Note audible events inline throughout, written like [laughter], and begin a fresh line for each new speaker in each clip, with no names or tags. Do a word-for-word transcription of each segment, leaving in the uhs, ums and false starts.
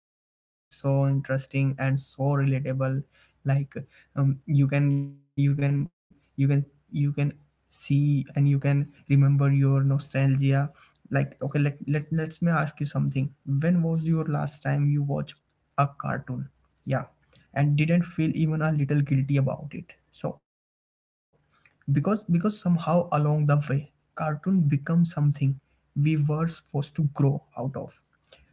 Abhishek. And today episode is so interesting and so relatable. Like um, you can you can you can you can see and you can remember your nostalgia. Like okay, let, let let's me ask you something. When was your last time you watched a cartoon? Yeah, and didn't feel even a little guilty about it. So because because somehow along the way cartoon become something we were supposed to grow out of.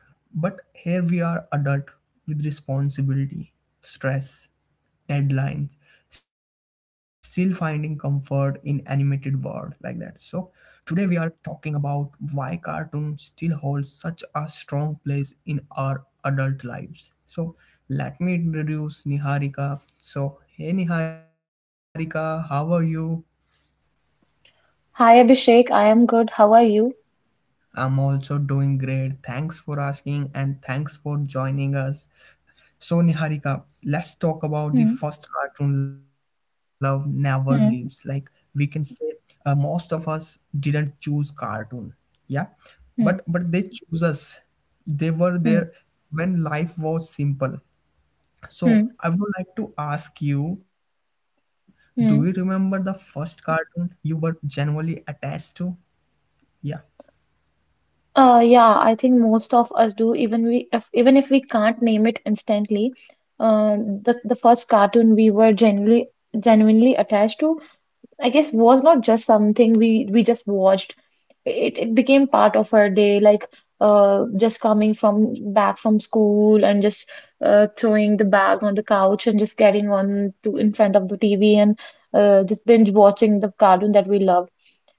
So, but here we are adult with responsibility, stress, deadlines, still finding comfort in animated world like that. So, today we are talking about why cartoon still holds such a strong place in our adult lives. So, let me introduce Niharika. So, hey Niharika, how are you?
Hi Abhishek, I am good. How are you?
I'm also doing great. Thanks for asking and thanks for joining us. So Niharika, let's talk about the
Hmm.
first cartoon love never leaves. Like we
Hmm.
can say, uh, most of us didn't choose cartoon, yeah, but
Hmm.
but they choose us. They were there
Hmm.
when life was simple. So I
Hmm.
would like to ask you, do you remember the
Hmm.
first cartoon you were genuinely attached to? Yeah.
Uh, yeah, I think most of us do, even we if even if we can't name it instantly. Uh, the the first cartoon we were genuinely genuinely attached to, I guess, was not just something we we just watched. It it became part of our day, like uh just coming from back from school and just uh throwing the bag on the couch and just getting on to in front of the T V and uh just binge watching the cartoon that we loved.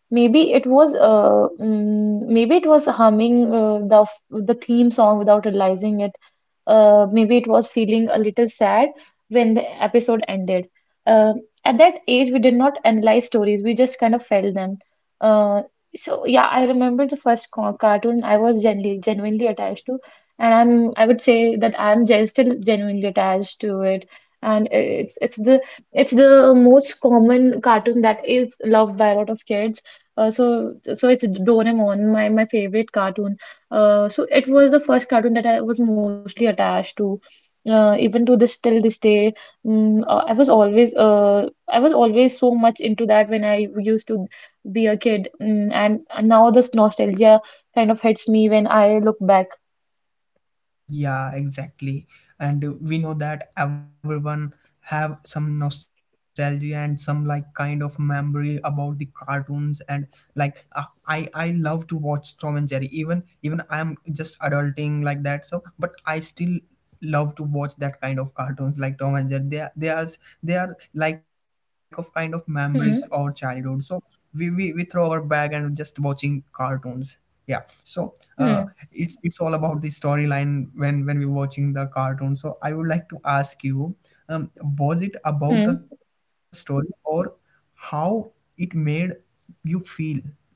Maybe it was uh mm, maybe it was humming uh, the f- the theme song without realizing it. Uh maybe it was feeling a little sad when the episode ended. Uh, at that age we did not analyze stories, we just kind of felt them uh, so yeah, I remember the first co- cartoon I was genuinely genuinely attached to, and i'm i would say that i'm gen- still genuinely attached to it, and it's it's the it's the most common cartoon that is loved by a lot of kids, uh, so so it's Doraemon, my my favorite cartoon. Uh, so it was the first cartoon that I was mostly attached to, uh, even to this till this day. Mm, uh, I was always uh, I was always so much into that when I used to be a kid, mm, and now this nostalgia kind of hits me when I look back.
Yeah, exactly. And uh, we know that everyone have some nostalgia and some like kind of memory about the cartoons. And like uh, I I love to watch Tom and Jerry. Even even I'm just adulting like that. So, but I still love to watch that kind of cartoons like Tom and Jerry. They are they are they are like of kind of memories or
Hmm.
childhood. So we, we we throw our bag and just watching cartoons. Yeah. So uh,
Hmm.
it's it's all about the storyline when when we watching the cartoon. So I would like to ask you, um, was it about a
Hmm.
story or how it made you feel? Yeah.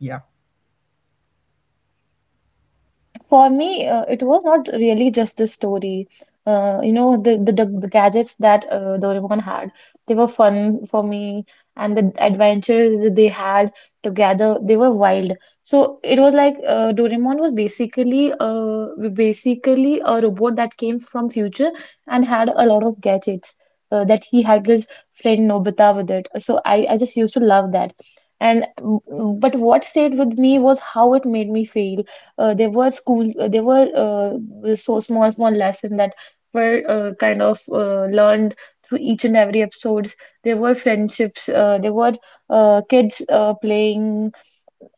For me, uh, it was not really just the story. Uh, you know, the, the, the the gadgets that uh, Doraemon had, they were fun for me, and the adventures they had together, they were wild. So it was like uh, Doraemon was basically uh, basically a robot that came from future and had a lot of gadgets, uh, that he had his friend Nobita with it. So I, I just used to love that. And mm, but what stayed with me was how it made me feel. uh, there were school uh, there were uh, so small small lessons that were uh, kind of uh, learned through each and every episodes. There were friendships. Uh, there were uh, kids uh, playing,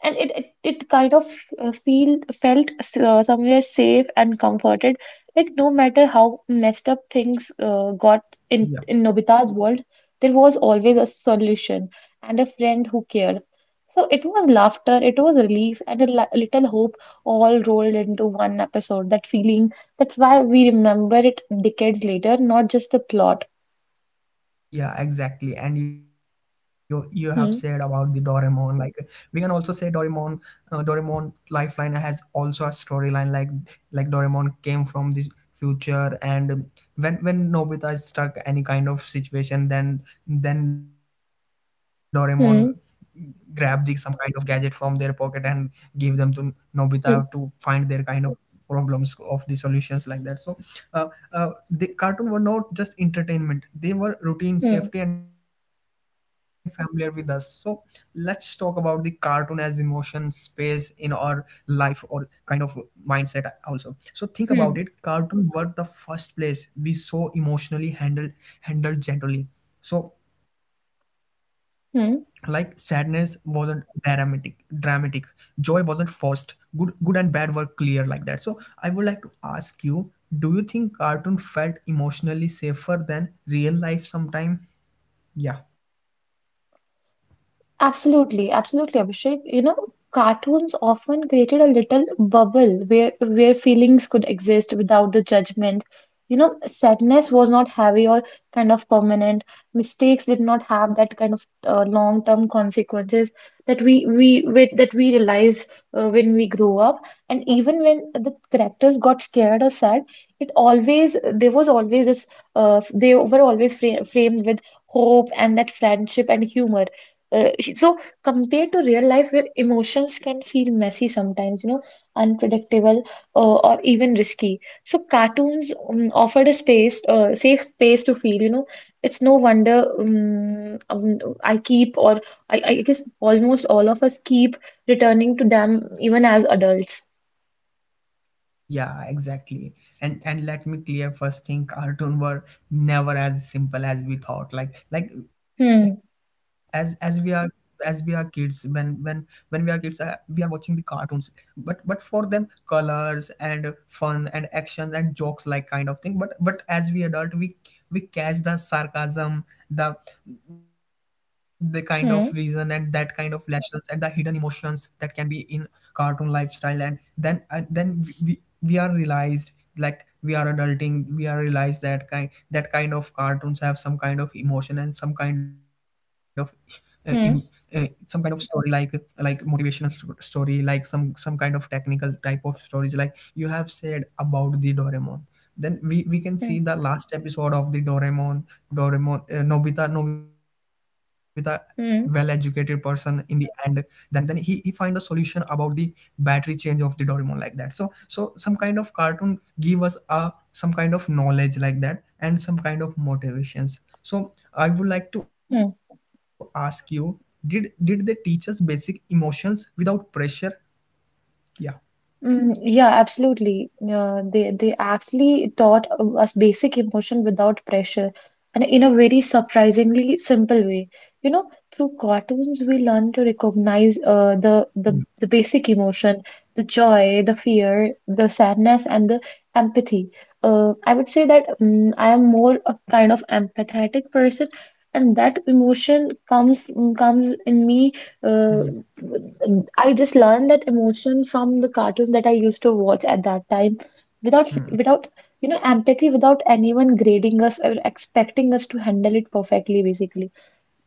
and it it, it kind of uh, feel felt uh, somewhere safe and comforted, like no matter how messed up things uh, got in
Yeah.
in Nobita's world, there was always a solution and a friend who cared. So it was laughter, it was relief, and a li- little hope, all rolled into one episode. That feeling, that's why we remember it decades later, not just the plot.
Yeah, exactly. And you you have said about the
Hmm.
Doraemon. Like we can also say Doraemon, uh, Doraemon Lifeline has also a storyline. Like like Doraemon came from the future, and when when Nobita is stuck any kind of situation, then then Doraemon grab the
Hmm.
some kind of gadget from their pocket and give them to Nobita to find their
Hmm.
kind of problems of the solutions like that. So uh, uh, the cartoon were not just entertainment, they were routine safety and
Hmm.
familiar with us. So let's talk about the cartoon as emotion space in our life or kind of mindset also. So think about it,
Hmm.
cartoon were the first place we saw emotionally handled handled gently. So like sadness
Hmm.
wasn't dramatic dramatic joy wasn't forced, good good and bad were clear like that. So I would like to ask you, do you think cartoon felt emotionally safer than real life sometime? Yeah.
Absolutely, absolutely, Abhishek. You know, cartoons often created a little bubble where where feelings could exist without the judgment. You know, sadness was not heavy or kind of permanent. Mistakes did not have that kind of uh, long-term consequences that we we with that we realize uh, when we grow up. And even when the characters got scared or sad, it always there was always this uh, they were always fra framed with hope and that friendship and humor. Uh, so compared to real life where emotions can feel messy sometimes, you know, unpredictable uh, or even risky. So cartoons um, offered a space, uh, safe space to feel, you know. It's no wonder um, um, I keep or I, I guess almost all of us keep returning to them even as adults.
Yeah, exactly. And and let me clear first thing, cartoon were never as simple as we thought. Like like as as we
Hmm.
are as we are kids, when when when we are kids, uh, we are watching the cartoons. But but for them, colors and fun and actions and jokes like kind of thing. But but as we adult, we we catch the sarcasm, the the kind of reason and that kind
Hmm.
of lessons and the hidden emotions that can be in cartoon lifestyle. And then and then we we are realized like we are adulting, we are realized that kind that kind of cartoons have some kind of emotion and some kind of uh, im, uh,
Hmm.
some kind of story like like motivational st- story, like some some kind of technical type of stories like you have said about the Doraemon. Then we, we can see
Hmm.
the last episode of the Doraemon. doraemon uh, nobita nobita well educated person
Hmm.
in the end. then then he he find the solution about the battery change of the Doraemon like that. So so some kind of cartoon give us a some kind of knowledge like that and some kind of motivations. So I would like to
Hmm.
ask you, did did they teach us basic emotions without pressure? Yeah.
Mm, yeah, absolutely. Uh, they they actually taught uh, us basic emotion without pressure, and in a very surprisingly simple way. You know, through cartoons we learn to recognize uh, the the
Yeah.
the basic emotion, the joy, the fear, the sadness, and the empathy. Uh, I would say that mm I am more a kind of empathetic person, and that emotion comes comes in me. Uh,
Yeah.
I just learned that emotion from the cartoons that I used to watch at that time without
Hmm.
without you know, empathy without anyone grading us or expecting us to handle it perfectly, basically.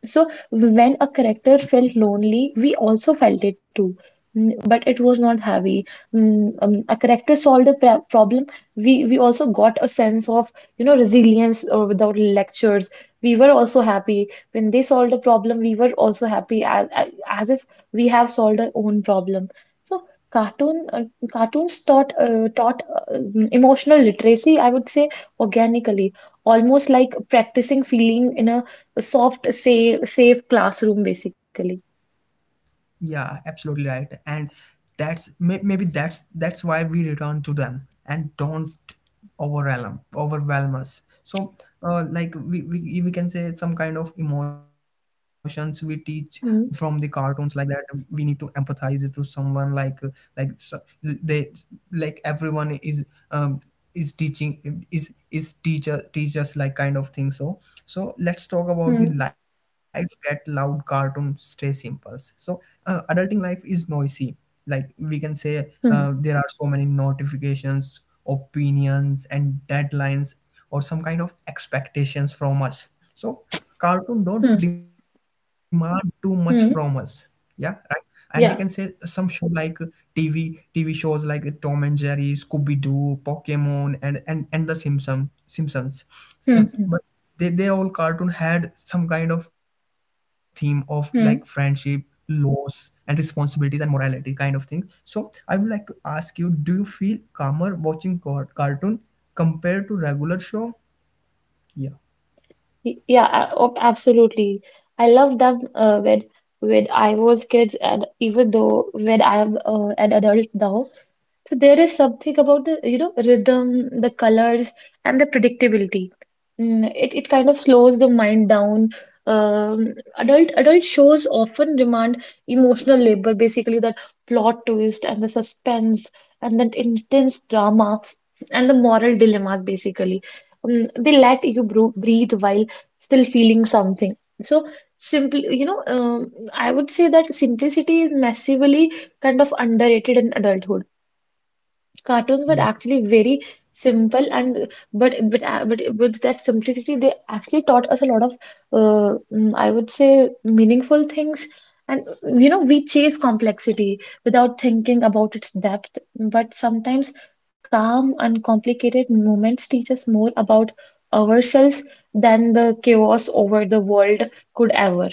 So when a character felt lonely, we also felt it too, N- but it was not heavy. Mm, um, a character solved a pr problem. We we also got a sense of, you know, resilience uh, without lectures. We were also happy when they solved a problem. We were also happy as as as if we have solved our own problem. So cartoon uh, cartoons taught uh, taught uh, emotional literacy, I would say, organically, almost like practicing feeling in a a soft, safe, safe classroom, basically.
Yeah, absolutely right. And that's may- maybe that's that's why we return to them and don't overwhelm overwhelm us. So, uh, like we, we we can say some kind of emotions we teach from the
Mm.
cartoons like that. We need to empathize to someone like like so- they, like everyone is um is teaching, is is teacher teachers like kind of thing. So so let's talk about the
Mm.
life get loud cartoon stay simples. So uh, adulting life is noisy. Like we can say, uh,
Mm.
there are so many notifications, opinions, and deadlines, or some kind of expectations from us. So cartoon
Mm.
don't demand too much from us.
Mm.
Yeah, right. And we can say
Yeah.
some show like uh, T V T V shows like uh, Tom and Jerry, Scooby Doo, Pokemon, and and and the Simpson Simpsons. Uh,
Mm. Mm.
But they they all cartoon had some kind of theme of like friendship,
Mm.
loss and responsibilities and morality kind of thing. So I would like to ask you, do you feel calmer watching car- cartoon compared to regular show? Yeah.
Y- Yeah, a- oh, absolutely. I love them uh, when when I was kids, and even though when I am uh, an adult now, so there is something about the, you know, rhythm, the colors, and the predictability. Mm, it it kind of slows the mind down. Um, adult adult shows often demand emotional labor, basically, that plot twist and the suspense and that intense drama and the moral dilemmas, basically. Um, they let you bro- breathe while still feeling something. So simply, you know, um, I would say that simplicity is massively kind of underrated in adulthood. Cartoons were actually very simple, and but but uh, but with that simplicity they actually taught us a lot of, uh, mm, I would say, meaningful things. And you know, we chase complexity without thinking about its depth, but sometimes calm uncomplicated moments teach us more about ourselves than the chaos over the world could ever.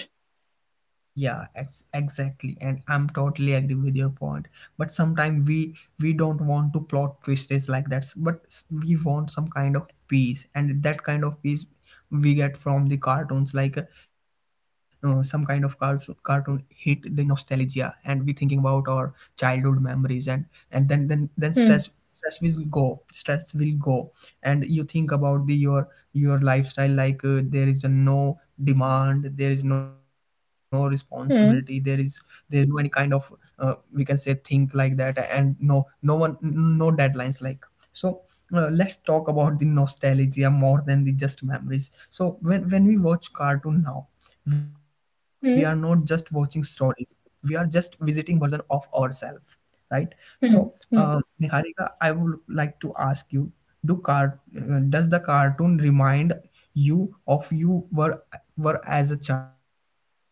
Yeah, ex- exactly, and I'm totally agree with your point. But sometimes we we don't want to plot twists like that. But s- we want some kind of peace, and that kind of peace we get from the cartoons. Like uh, some kind of cartoon cartoon hit the nostalgia, and we thinking about our childhood memories, and and then then then
Hmm.
stress stress will go, stress will go. And you think about the your your lifestyle like uh, there is a no demand, there is no responsibility, there is
Hmm.
there is no any kind of uh, we can say think like that. And no no one n- no deadlines like so. Uh, let's talk about the nostalgia more than the just memories. So when when we watch cartoon now, we are not just watching
Hmm.
stories, we are just visiting version of ourselves, right? So,
Hmm.
uh,
Hmm.
Niharika, I would like to ask you: Do car uh, does the cartoon remind you of you were were as a child? Yeah,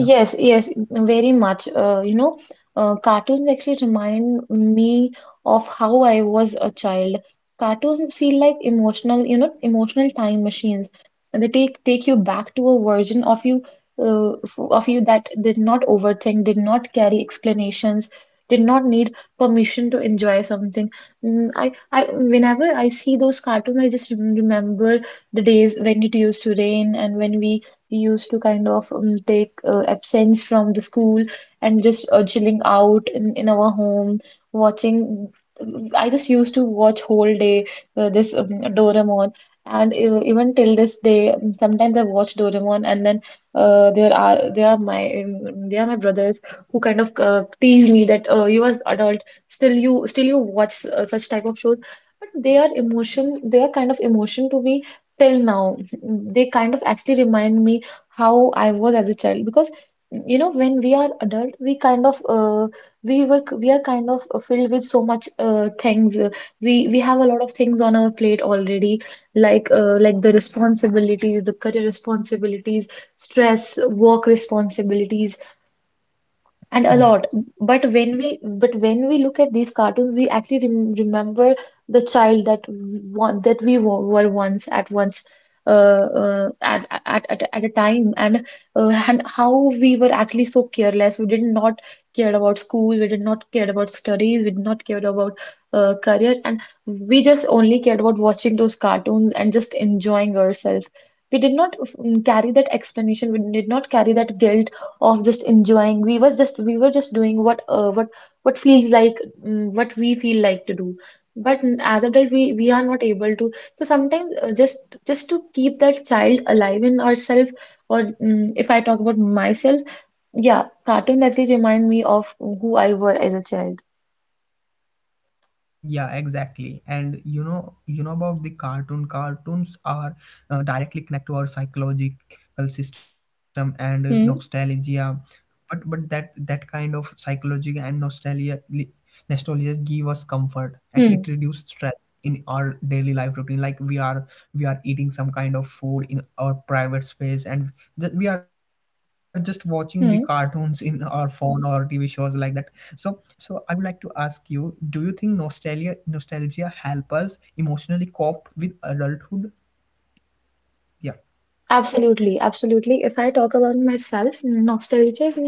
Yes, yes, very much. Uh, you know, uh, cartoons actually remind me of how I was a child. Cartoons feel like emotional, you know, emotional time machines. They take take you back to a version of you, uh, f- of you that did not overthink, did not carry explanations, did not need permission to enjoy something. Mm, I, I, whenever I see those cartoons, I just rem- remember the days when it used to rain and when we we used to kind of um, take uh, absence from the school and just uh, chilling out in, in our home, watching. I just used to watch whole day, uh, this um, Doraemon, and uh, even till this day, um, sometimes I watch Doraemon, and then uh, there are there are my um, there are my brothers who kind of uh, tease me that uh, you as adult, still you still you watch uh, such type of shows, but they are emotion they are kind of emotion to me till now. They kind of actually remind me how I was as a child, because you know, when we are adult, we kind of uh, we were we are kind of filled with so much uh, things. Uh, we we have a lot of things on our plate already, like uh, like the responsibilities, the career responsibilities, stress, work responsibilities, and a lot.
yeah.
But when we but when we look at these cartoons, we actually rem remember the child that one that we wa- were once at once uh, uh at, at at at a time, and uh, and how we were actually so careless. We did not care about school, we did not care about studies, we did not care about uh, career, and we just only cared about watching those cartoons and just enjoying ourselves. We did not, mm, carry that explanation, we did not carry that guilt of just enjoying. We was just we were just doing what uh, what what feels like, mm, what we feel like to do. But n- as adult, we we are not able to. So sometimes uh, just just to keep that child alive in ourselves, or, mm, if I talk about myself, yeah, cartoon definitely remind me of who I were as a child.
Yeah, exactly. And you know, you know about the cartoon. Cartoons are uh, directly connect to our psychological system and uh,
Hmm.
nostalgia. But but that that kind of psychology and nostalgia li- nostalgia give us comfort
Hmm.
and it reduce stress in our daily life routine. Like we are we are eating some kind of food in our private space and ju- we are just watching
Hmm.
the cartoons in our phone or T V shows like that. So so I would like to ask you, do you think nostalgia nostalgia help us emotionally cope with adulthood? Yeah,
Absolutely, absolutely. If I talk about myself, nostalgia is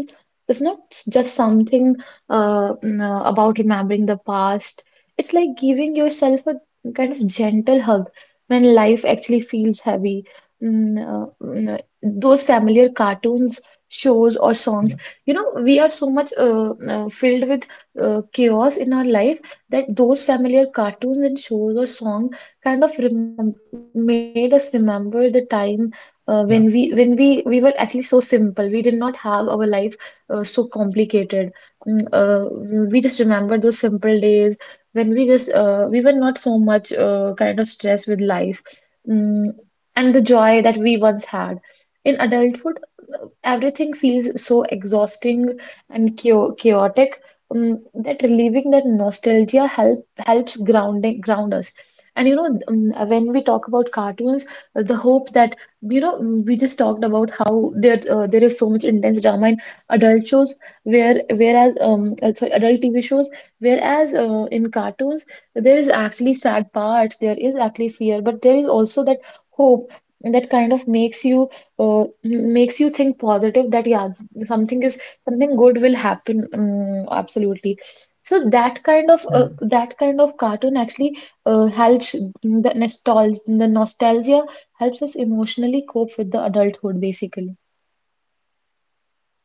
is not just something uh, n- uh, about remembering the past. It's like giving yourself a kind of gentle hug when life actually feels heavy. Mm, uh, mm, uh, those familiar cartoons, shows, or songs,
yeah,
you know, we are so much uh, mm, uh, filled with uh, chaos in our life that those familiar cartoons and shows or songs kind of remem made us remember the time uh, when we when we we were actually
yeah.
so simple. We did not have our life uh, so complicated. Mm, uh, we just remember those simple days when we just uh, we were not so much uh, kind of stressed with life, mm, and the joy that we once had. In adulthood everything feels so exhausting and chao- chaotic, um, that relieving that nostalgia help helps grounding ground us. And you know, um, when we talk about cartoons, the hope that, you know, we just talked about how there uh, there is so much intense drama in adult shows, where whereas um uh, sorry adult T V shows, whereas uh, in cartoons there is actually sad parts, there is actually fear, but there is also that hope that kind of makes you uh, makes you think positive. That yeah, something is something good will happen. Um, absolutely. So that kind of uh,
Hmm.
that kind of cartoon actually uh, helps. The nostalgia the nostalgia helps us emotionally cope with the adulthood, basically.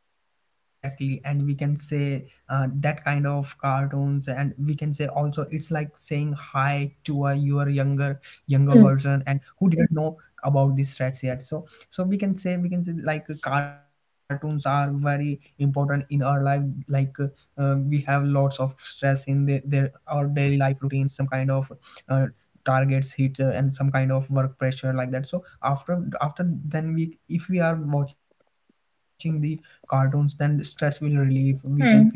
Yeah, exactly. And we can say uh, that kind of cartoons, and we can say also it's like saying hi to a your younger
Hmm.
younger version, and who didn't know about these threats yet. So, so we can say we can say like uh, cartoons are very important in our life. Like uh, uh, we have lots of stress in the, their our daily life routine, some kind of. Uh, Targets hit uh, and some kind of work pressure like that. So after after then we, if we are watching the cartoons, then stress will relieve, we can feel
Hmm.
very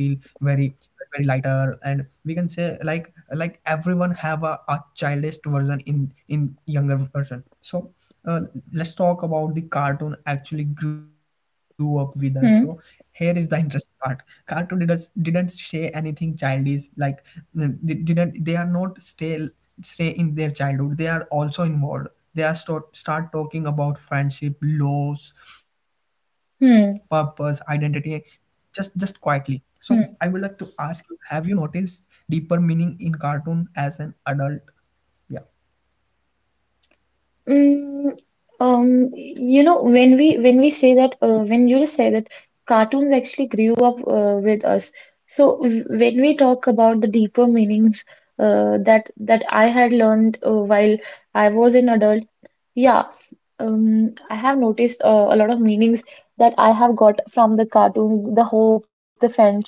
very lighter. And we can say like like everyone have a, a childish version in in younger version. So uh, let's talk about the cartoon actually grew up with us. So here is the
Hmm.
interesting part, cartoon didn't didn't say anything childish. Like mm, they didn't, they are not stay stay in their childhood, they are also involved. They are start, start talking about friendship, loss, purpose, identity,
Hmm.
just just quietly. So I would like to
Hmm.
ask you, have you noticed deeper meaning in cartoon as an adult? Yeah.
Mm, um, you know, when we when we say that, uh, when you just say that cartoons actually grew up uh, with us. So w- when we talk about the deeper meanings uh, that that I had learned uh, while I was an adult, yeah, um, I have noticed uh, a lot of meanings that I have got from the cartoons, the hope, the friendships,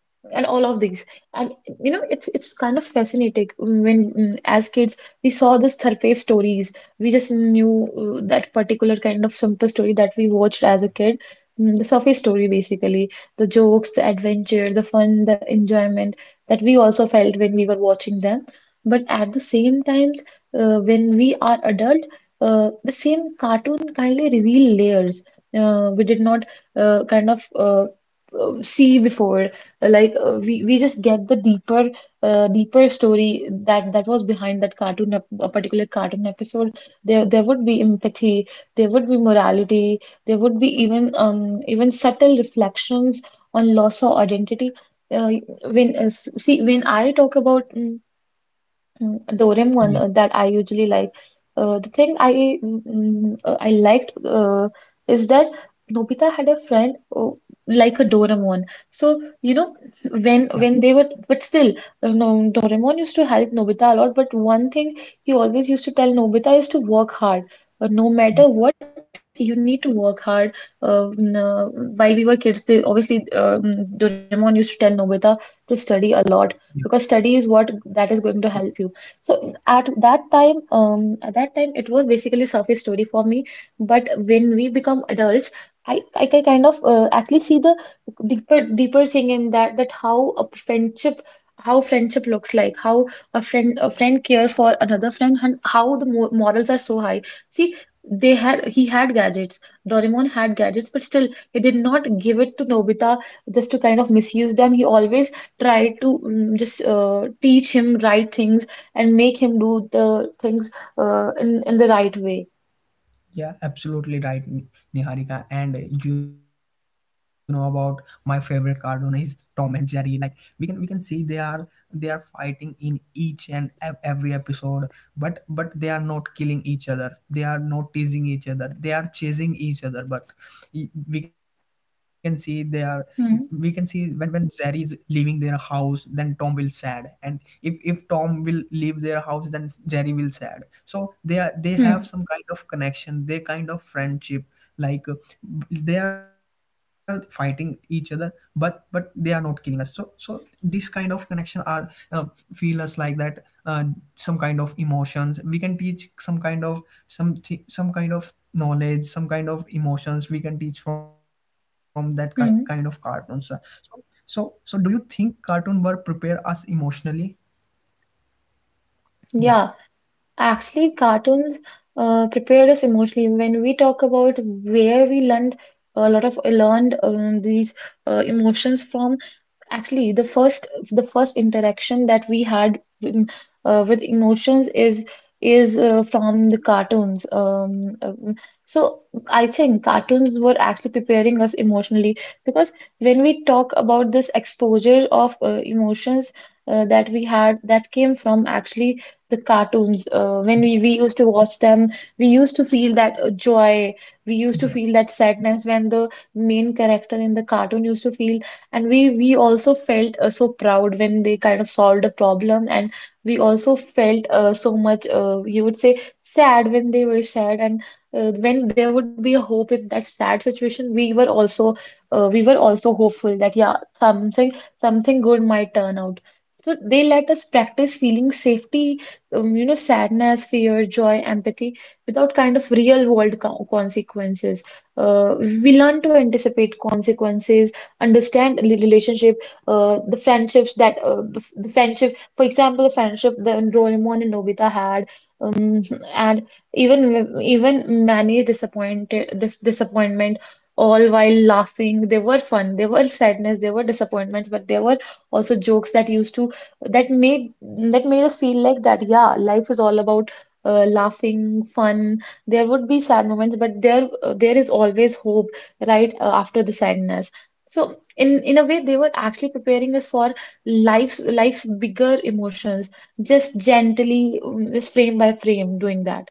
and all of these. And you know, it's it's kind of fascinating. When, mm, as kids, we saw the surface stories. We just knew uh, that particular kind of simple story that we watched as a kid. Mm, the surface story, basically, the jokes, the adventure, the fun, the enjoyment that we also felt when we were watching them. But at the same time, uh, when we are adult, uh, the same cartoon kindly reveal layers uh, we did not uh, kind of uh, uh, see before. Like uh, we we just get the deeper uh, deeper story that that was behind that cartoon ep- a particular cartoon episode. There there would be empathy, there would be morality, there would be even um even subtle reflections on loss or identity. Uh, when uh, s- See, when I talk about mm, Mm,
Yeah.
Doraemon uh, that I usually like. Uh, the thing I mm, mm, uh, I liked uh, is that Nobita had a friend uh, like a Doraemon. So you know,
Yeah.
when when they were, but still, uh, no Doraemon used to help Nobita a lot. But one thing he always used to tell Nobita is to work hard. Uh, no matter what, you need to work hard. Uh, n- uh, while we were kids, they obviously, uh, mm, Doraemon used to tell Nobita to study a lot, because study is what that is going to help you. So at that time, um, at that time, it was basically surface story for me. But when we become adults, I, I can kind of uh, actually see the deeper deeper thing in that. That how a friendship, how friendship looks like, how a friend a friend cares for another friend, and how the mo morals are so high. See, they had he had gadgets. Doraemon had gadgets, but still he did not give it to Nobita just to kind of misuse them. He always tried to mm, just uh, teach him right things and make him do the things uh, in in the right way.
Yeah, absolutely right, Ni- Niharika. And uh, you know about my favorite cartoon is Tom and Jerry. Like we can we can see they are they are fighting in each and ev- every episode, but but they are not killing each other. They are not teasing each other. They are chasing each other. But y- we can see they are, we can see
Hmm.
when when Zari is leaving their house, then Tom will sad, and if if Tom will leave their house, then Jerry will sad. So they are they
Hmm.
have some kind of connection, they kind of friendship. Like uh, they are fighting each other, but but they are not killing us. So so these kind of connections are uh, feel us like that. Uh, some kind of emotions we can teach, some kind of some thi- some kind of knowledge, some kind of emotions we can teach from that ki- kind of cartoons.
Hmm.
So so so do you think cartoon were prepare us emotionally? Yeah.
Yeah, actually, cartoons uh, prepared us emotionally. When we talk about where we learned, a lot of learned um, these uh, emotions from, actually, the first the first interaction that we had, um, uh, with emotions is is uh, from the cartoons. Um, um, so I think cartoons were actually preparing us emotionally, because when we talk about this exposure of uh, emotions uh, that we had, that came from actually the cartoons. Uh, when we, we used to watch them, we used to feel that uh, joy. We used to
Yeah.
feel that sadness when the main character in the cartoon used to feel. And we we also felt uh, so proud when they kind of solved a problem. And we also felt uh, so much, uh, you would say, sad when they were sad. And uh, when there would be a hope in that sad situation, we were also uh, we were also hopeful that yeah, something something good might turn out. So they let us practice feeling safety, um, you know, sadness, fear, joy, empathy, without kind of real world co consequences. Uh, we learn to anticipate consequences, understand the relationship, uh, the friendships that uh, the, the friendship, for example, the friendship that Doraemon and Nobita had, um, and even even Manny's disappointed dis disappointment. All while laughing, they were fun. They were sadness. They were disappointments, but there were also jokes that used to that made that made us feel like that. Yeah, life is all about uh, laughing, fun. There would be sad moments, but there uh, there is always hope right uh, after the sadness. So in in a way, they were actually preparing us for life's life's bigger emotions, just gently, mm, just frame by frame doing that.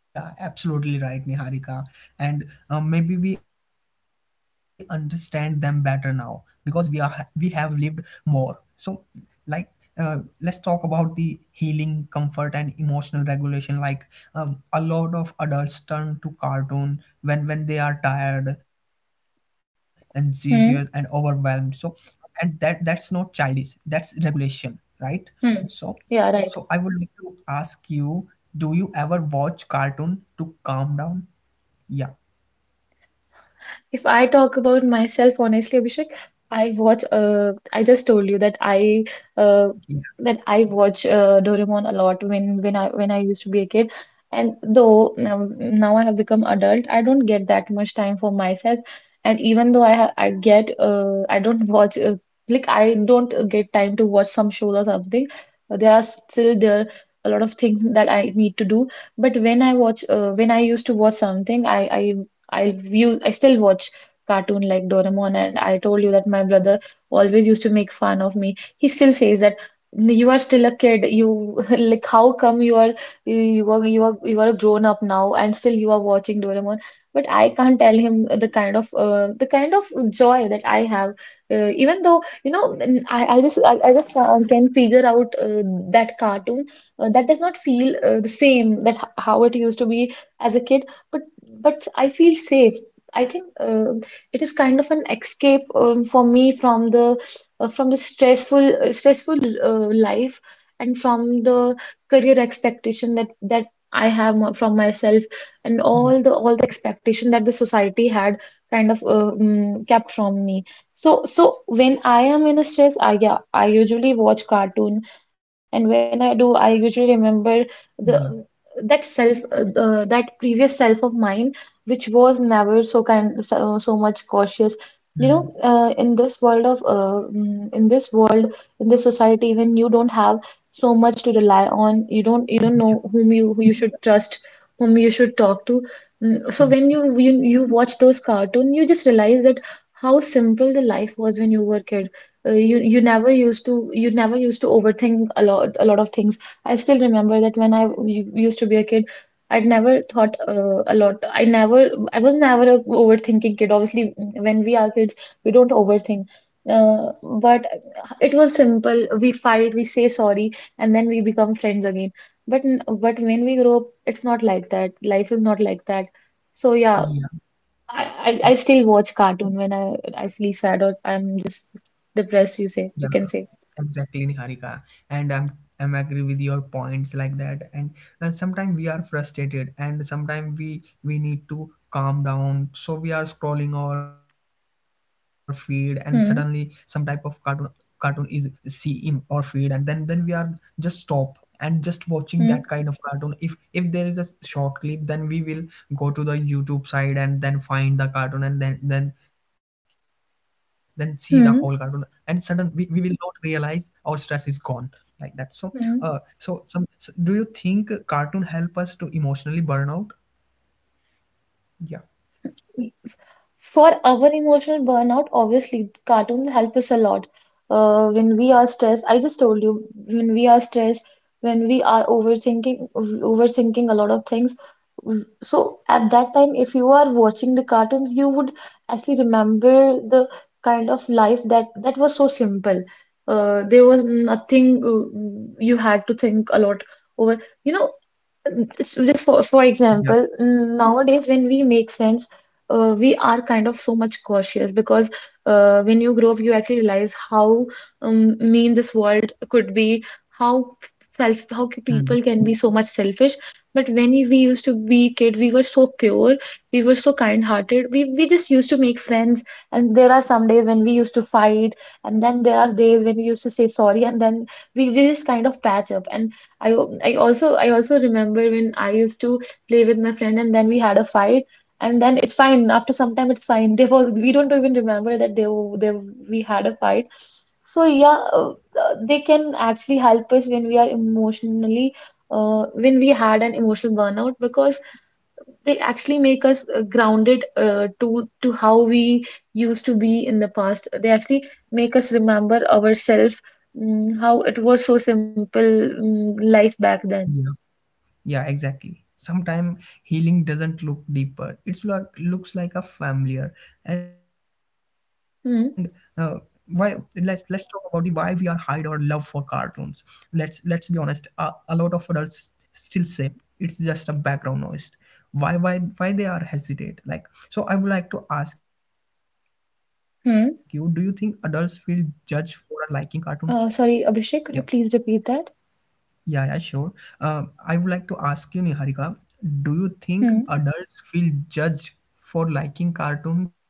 Yeah, absolutely right, Niharika. And uh, maybe we understand them better now because we are we have lived more. So, like, uh, let's talk about the healing, comfort, and emotional regulation. Like, um, a lot of adults turn to cartoon when when they are tired, anxious, and overwhelmed.
Hmm.
So, and that that's not childish. That's regulation, right? So.
Hmm. Yeah,
So I
right.
would like to ask you, do you ever watch cartoon to calm down? Yeah,
If I talk about myself honestly, Abhishek, I watch. Uh, I just told you that I uh,
yeah,
that I watch uh, Doraemon a lot when when I when I used to be a kid. And though now, now I have become adult, I don't get that much time for myself. And even though I ha I get, uh, I don't watch, uh, like I don't uh, get time to watch some shows or something. Uh, There are still there a lot of things that I need to do. But when I watch, uh, when I used to watch something, I I I view I still watch cartoon like Doraemon. And I told you that my brother always used to make fun of me. He still says that you are still a kid. You [laughs] like how come you are you are you are you are a grown up now and still you are watching Doraemon. But I can't tell him the kind of uh, the kind of joy that I have. Uh, even though you know, n- I, I just, I, I just uh, can figure out uh, that cartoon uh, that does not feel uh, the same that h- how it used to be as a kid. but but I feel safe. I think uh, it is kind of an escape, um, for me, from the uh, from the stressful uh, stressful uh, life, and from the career expectation that that I have m- from myself, and
yeah,
all the all the expectation that the society had kind of, uh, mm, kept from me. So so when I am in a stress, I, yeah, I usually watch cartoon. And when I do, I usually remember the
yeah,
that self, uh, uh, that previous self of mine, which was never so kind so so much cautious. You know,
mm,
uh, in this world of uh, mm, in this world, in this society, when you don't have so much to rely on, you don't you don't know
yeah,
whom you, who you should trust, whom you should talk to. Mm, so
mm,
when you you, you watch those cartoon, you just realize that how simple the life was when you were a kid. Uh, you you never used to, you never used to overthink a lot, a lot of things. I still remember that when I u- used to be a kid, I'd never thought uh, a lot. I never, I was never a overthinking kid. Obviously, when we are kids, we don't overthink. Uh, but it was simple. We fight, we say sorry, and then we become friends again. But n- but when we grow up, it's not like that. Life is not like that. So yeah,
yeah,
I I, I
ex-
still watch cartoon when I I feel sad or I'm just depressed. You
yeah,
say you can say.
exactly, Niharika. And I'm I'm agree with your points like that. And uh, sometimes we are frustrated, and sometimes we we need to calm down. So we are scrolling our feed, and suddenly some type of cartoon
Hmm.
cartoon is see in our feed. And then then we are just stop and just watching that
Hmm.
kind of cartoon. if if there is a short clip then we will go to the YouTube side and then find the cartoon and then then then see the whole cartoon. And sudden
Hmm.
we we will not realize our stress is gone like that. So uh
Hmm.
so some, so do you think cartoon help us to emotionally burn out? Yeah.
For our emotional burnout, obviously, cartoons help us a lot. Uh, when we are stressed, I just told you, when we are stressed, when we are overthinking, overthinking a lot of things. w- So at that time, if you are watching the cartoons, you would actually remember the kind of life that that was so simple. Uh, there was nothing uh, you had to think a lot over. You know, it's just for for
Yeah.
example, mm, nowadays when we make friends, uh, we are kind of so much cautious, because uh, when you grow up, you actually realize how, um, mean, this world could be, how self, how c-
Hmm.
people can be so much selfish. But when we used to be kids, we were so pure, we were so kind-hearted. We we just used to make friends, and there are some days when we used to fight, and then there are days when we used to say sorry, and then we, we just kind of patch up. And I I also I also remember when I used to play with my friend and then we had a fight, and then it's fine, after some time it's fine. [laughs] There was, we don't even remember that they they we had a fight. So yeah, uh, they can actually help us when we are emotionally, uh, when we had an emotional burnout, because they actually make us uh, grounded, uh, to to how we used to be in the past. They actually make us remember ourselves, mm, how it was so simple, mm, life back then.
Yeah. Yeah, exactly. Sometimes healing doesn't look deeper. It's like looks like a familiar. And uh, why?
Hmm.
Let's let's talk about the why we are hide our love for cartoons. Let's let's be honest. A, a lot of adults still say it's just a background noise. Why why why they are hesitate? Like so, I would like to ask you: Do you think adults feel
Hmm.
judged for liking cartoons?
Uh,
Yeah.
sorry, Abhishek, could you please repeat that?
Yeah, yeah, sure. Um, I would like to ask you, Niharika, do you think
Hmm.
adults feel judged for liking cartoons?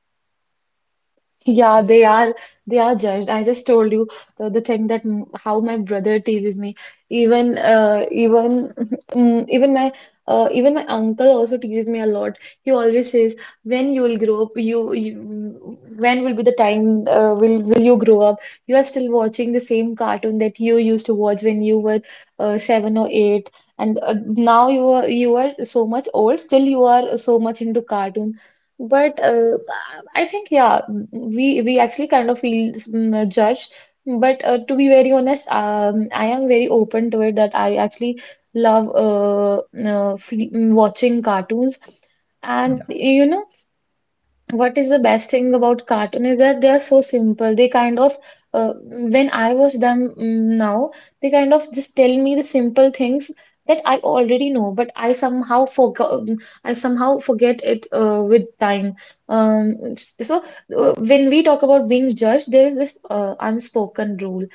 Yeah, they are they are judged. I just told you the, the thing that m- how my brother teases me. Even uh, even [laughs] mm, even my, uh, even my uncle also teases me a lot. He always says, "When you will grow up, you, you, when will be the time uh, will will you grow up? You are still watching the same cartoon that you used to watch when you were uh, seven or eight, and uh, now you are you are so much old. Still, you are so much into cartoons." But uh, I think yeah, we we actually kind of feel, mm, judged. But uh, to be very honest, um, I am very open to it that I actually love, uh, uh, fe- watching cartoons.
Yeah,
And you know, what is the best thing about cartoon is that they are so simple. They kind of, uh, when I watch them, mm, now, they kind of just tell me the simple things that I already know, but I somehow forgot, I somehow forget it uh, with time. Um, s- so uh, when we talk about being judged, there is this uh, unspoken rule: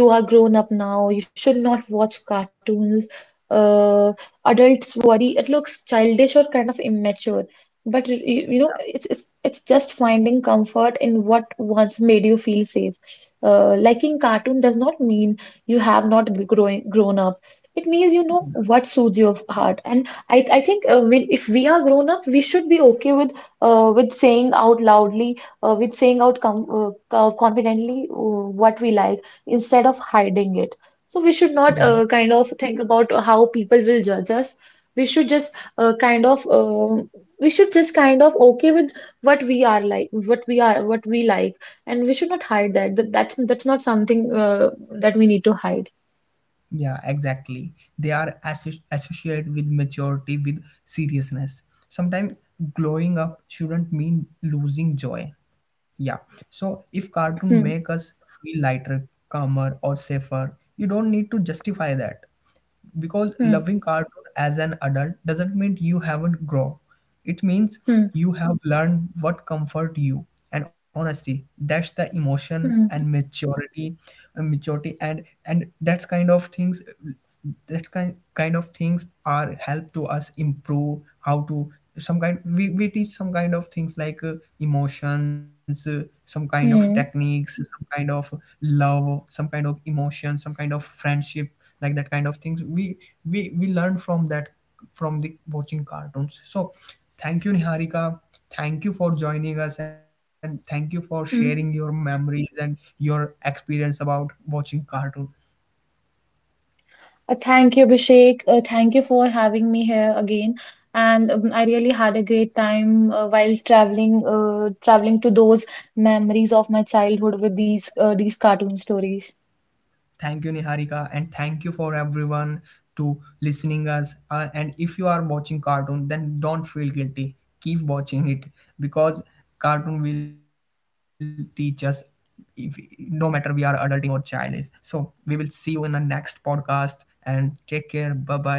you are grown up now, you should not watch cartoons. uh, Adults worry it looks childish or kind of immature. But it- you, you know, it's it's it's just finding comfort in what once made you feel safe. Uh, liking cartoon does not mean you have not g- growing grown up. It means you know what soothes your heart. And I I think uh, when if we are grown up, we should be okay with, uh, with saying out loudly, uh, with saying out com uh, co- confidently, uh, what we like, instead of hiding it. So we should not
yeah,
uh, kind of think about how people will judge us. We should just, uh, kind of. um we should just kind of okay with what we are like what we are, what we like, and we should not hide that. That that's that's not something uh, that we need to hide.
yeah, exactly. They are associ associated with maturity, with seriousness. Sometimes glowing up shouldn't mean losing joy. Yeah. So if cartoon make
Hmm.
us feel lighter, calmer, or safer, you don't need to justify that, because
Hmm.
loving cartoon as an adult doesn't mean you haven't grown, it means
Hmm.
you have learned what comfort you. And honestly that's the emotion and
Hmm.
maturity, and maturity and and that's kind of things that kind kind of things are help to us improve how to, some kind we, we teach some kind of things like uh, emotions, uh, some kind of
Hmm.
techniques, some kind of love, some kind of emotion, some kind of friendship, like that kind of things we we we learn from that, from the watching cartoons. So thank you Niharika, thank you for joining us and thank you for sharing your
Hmm.
memories and your experience about watching cartoon.
Uh, thank you Abhishek, uh, thank you for having me here again. And um, I really had a great time uh, while traveling uh, traveling to those memories of my childhood with these uh, these cartoon stories.
Thank you, Niharika, and thank you for everyone to listening us. Uh, and if you are watching cartoon, then don't feel guilty. Keep watching it because cartoon will teach us. If no matter we are adulting or childish, so we will see you in the next podcast and take care. Bye bye.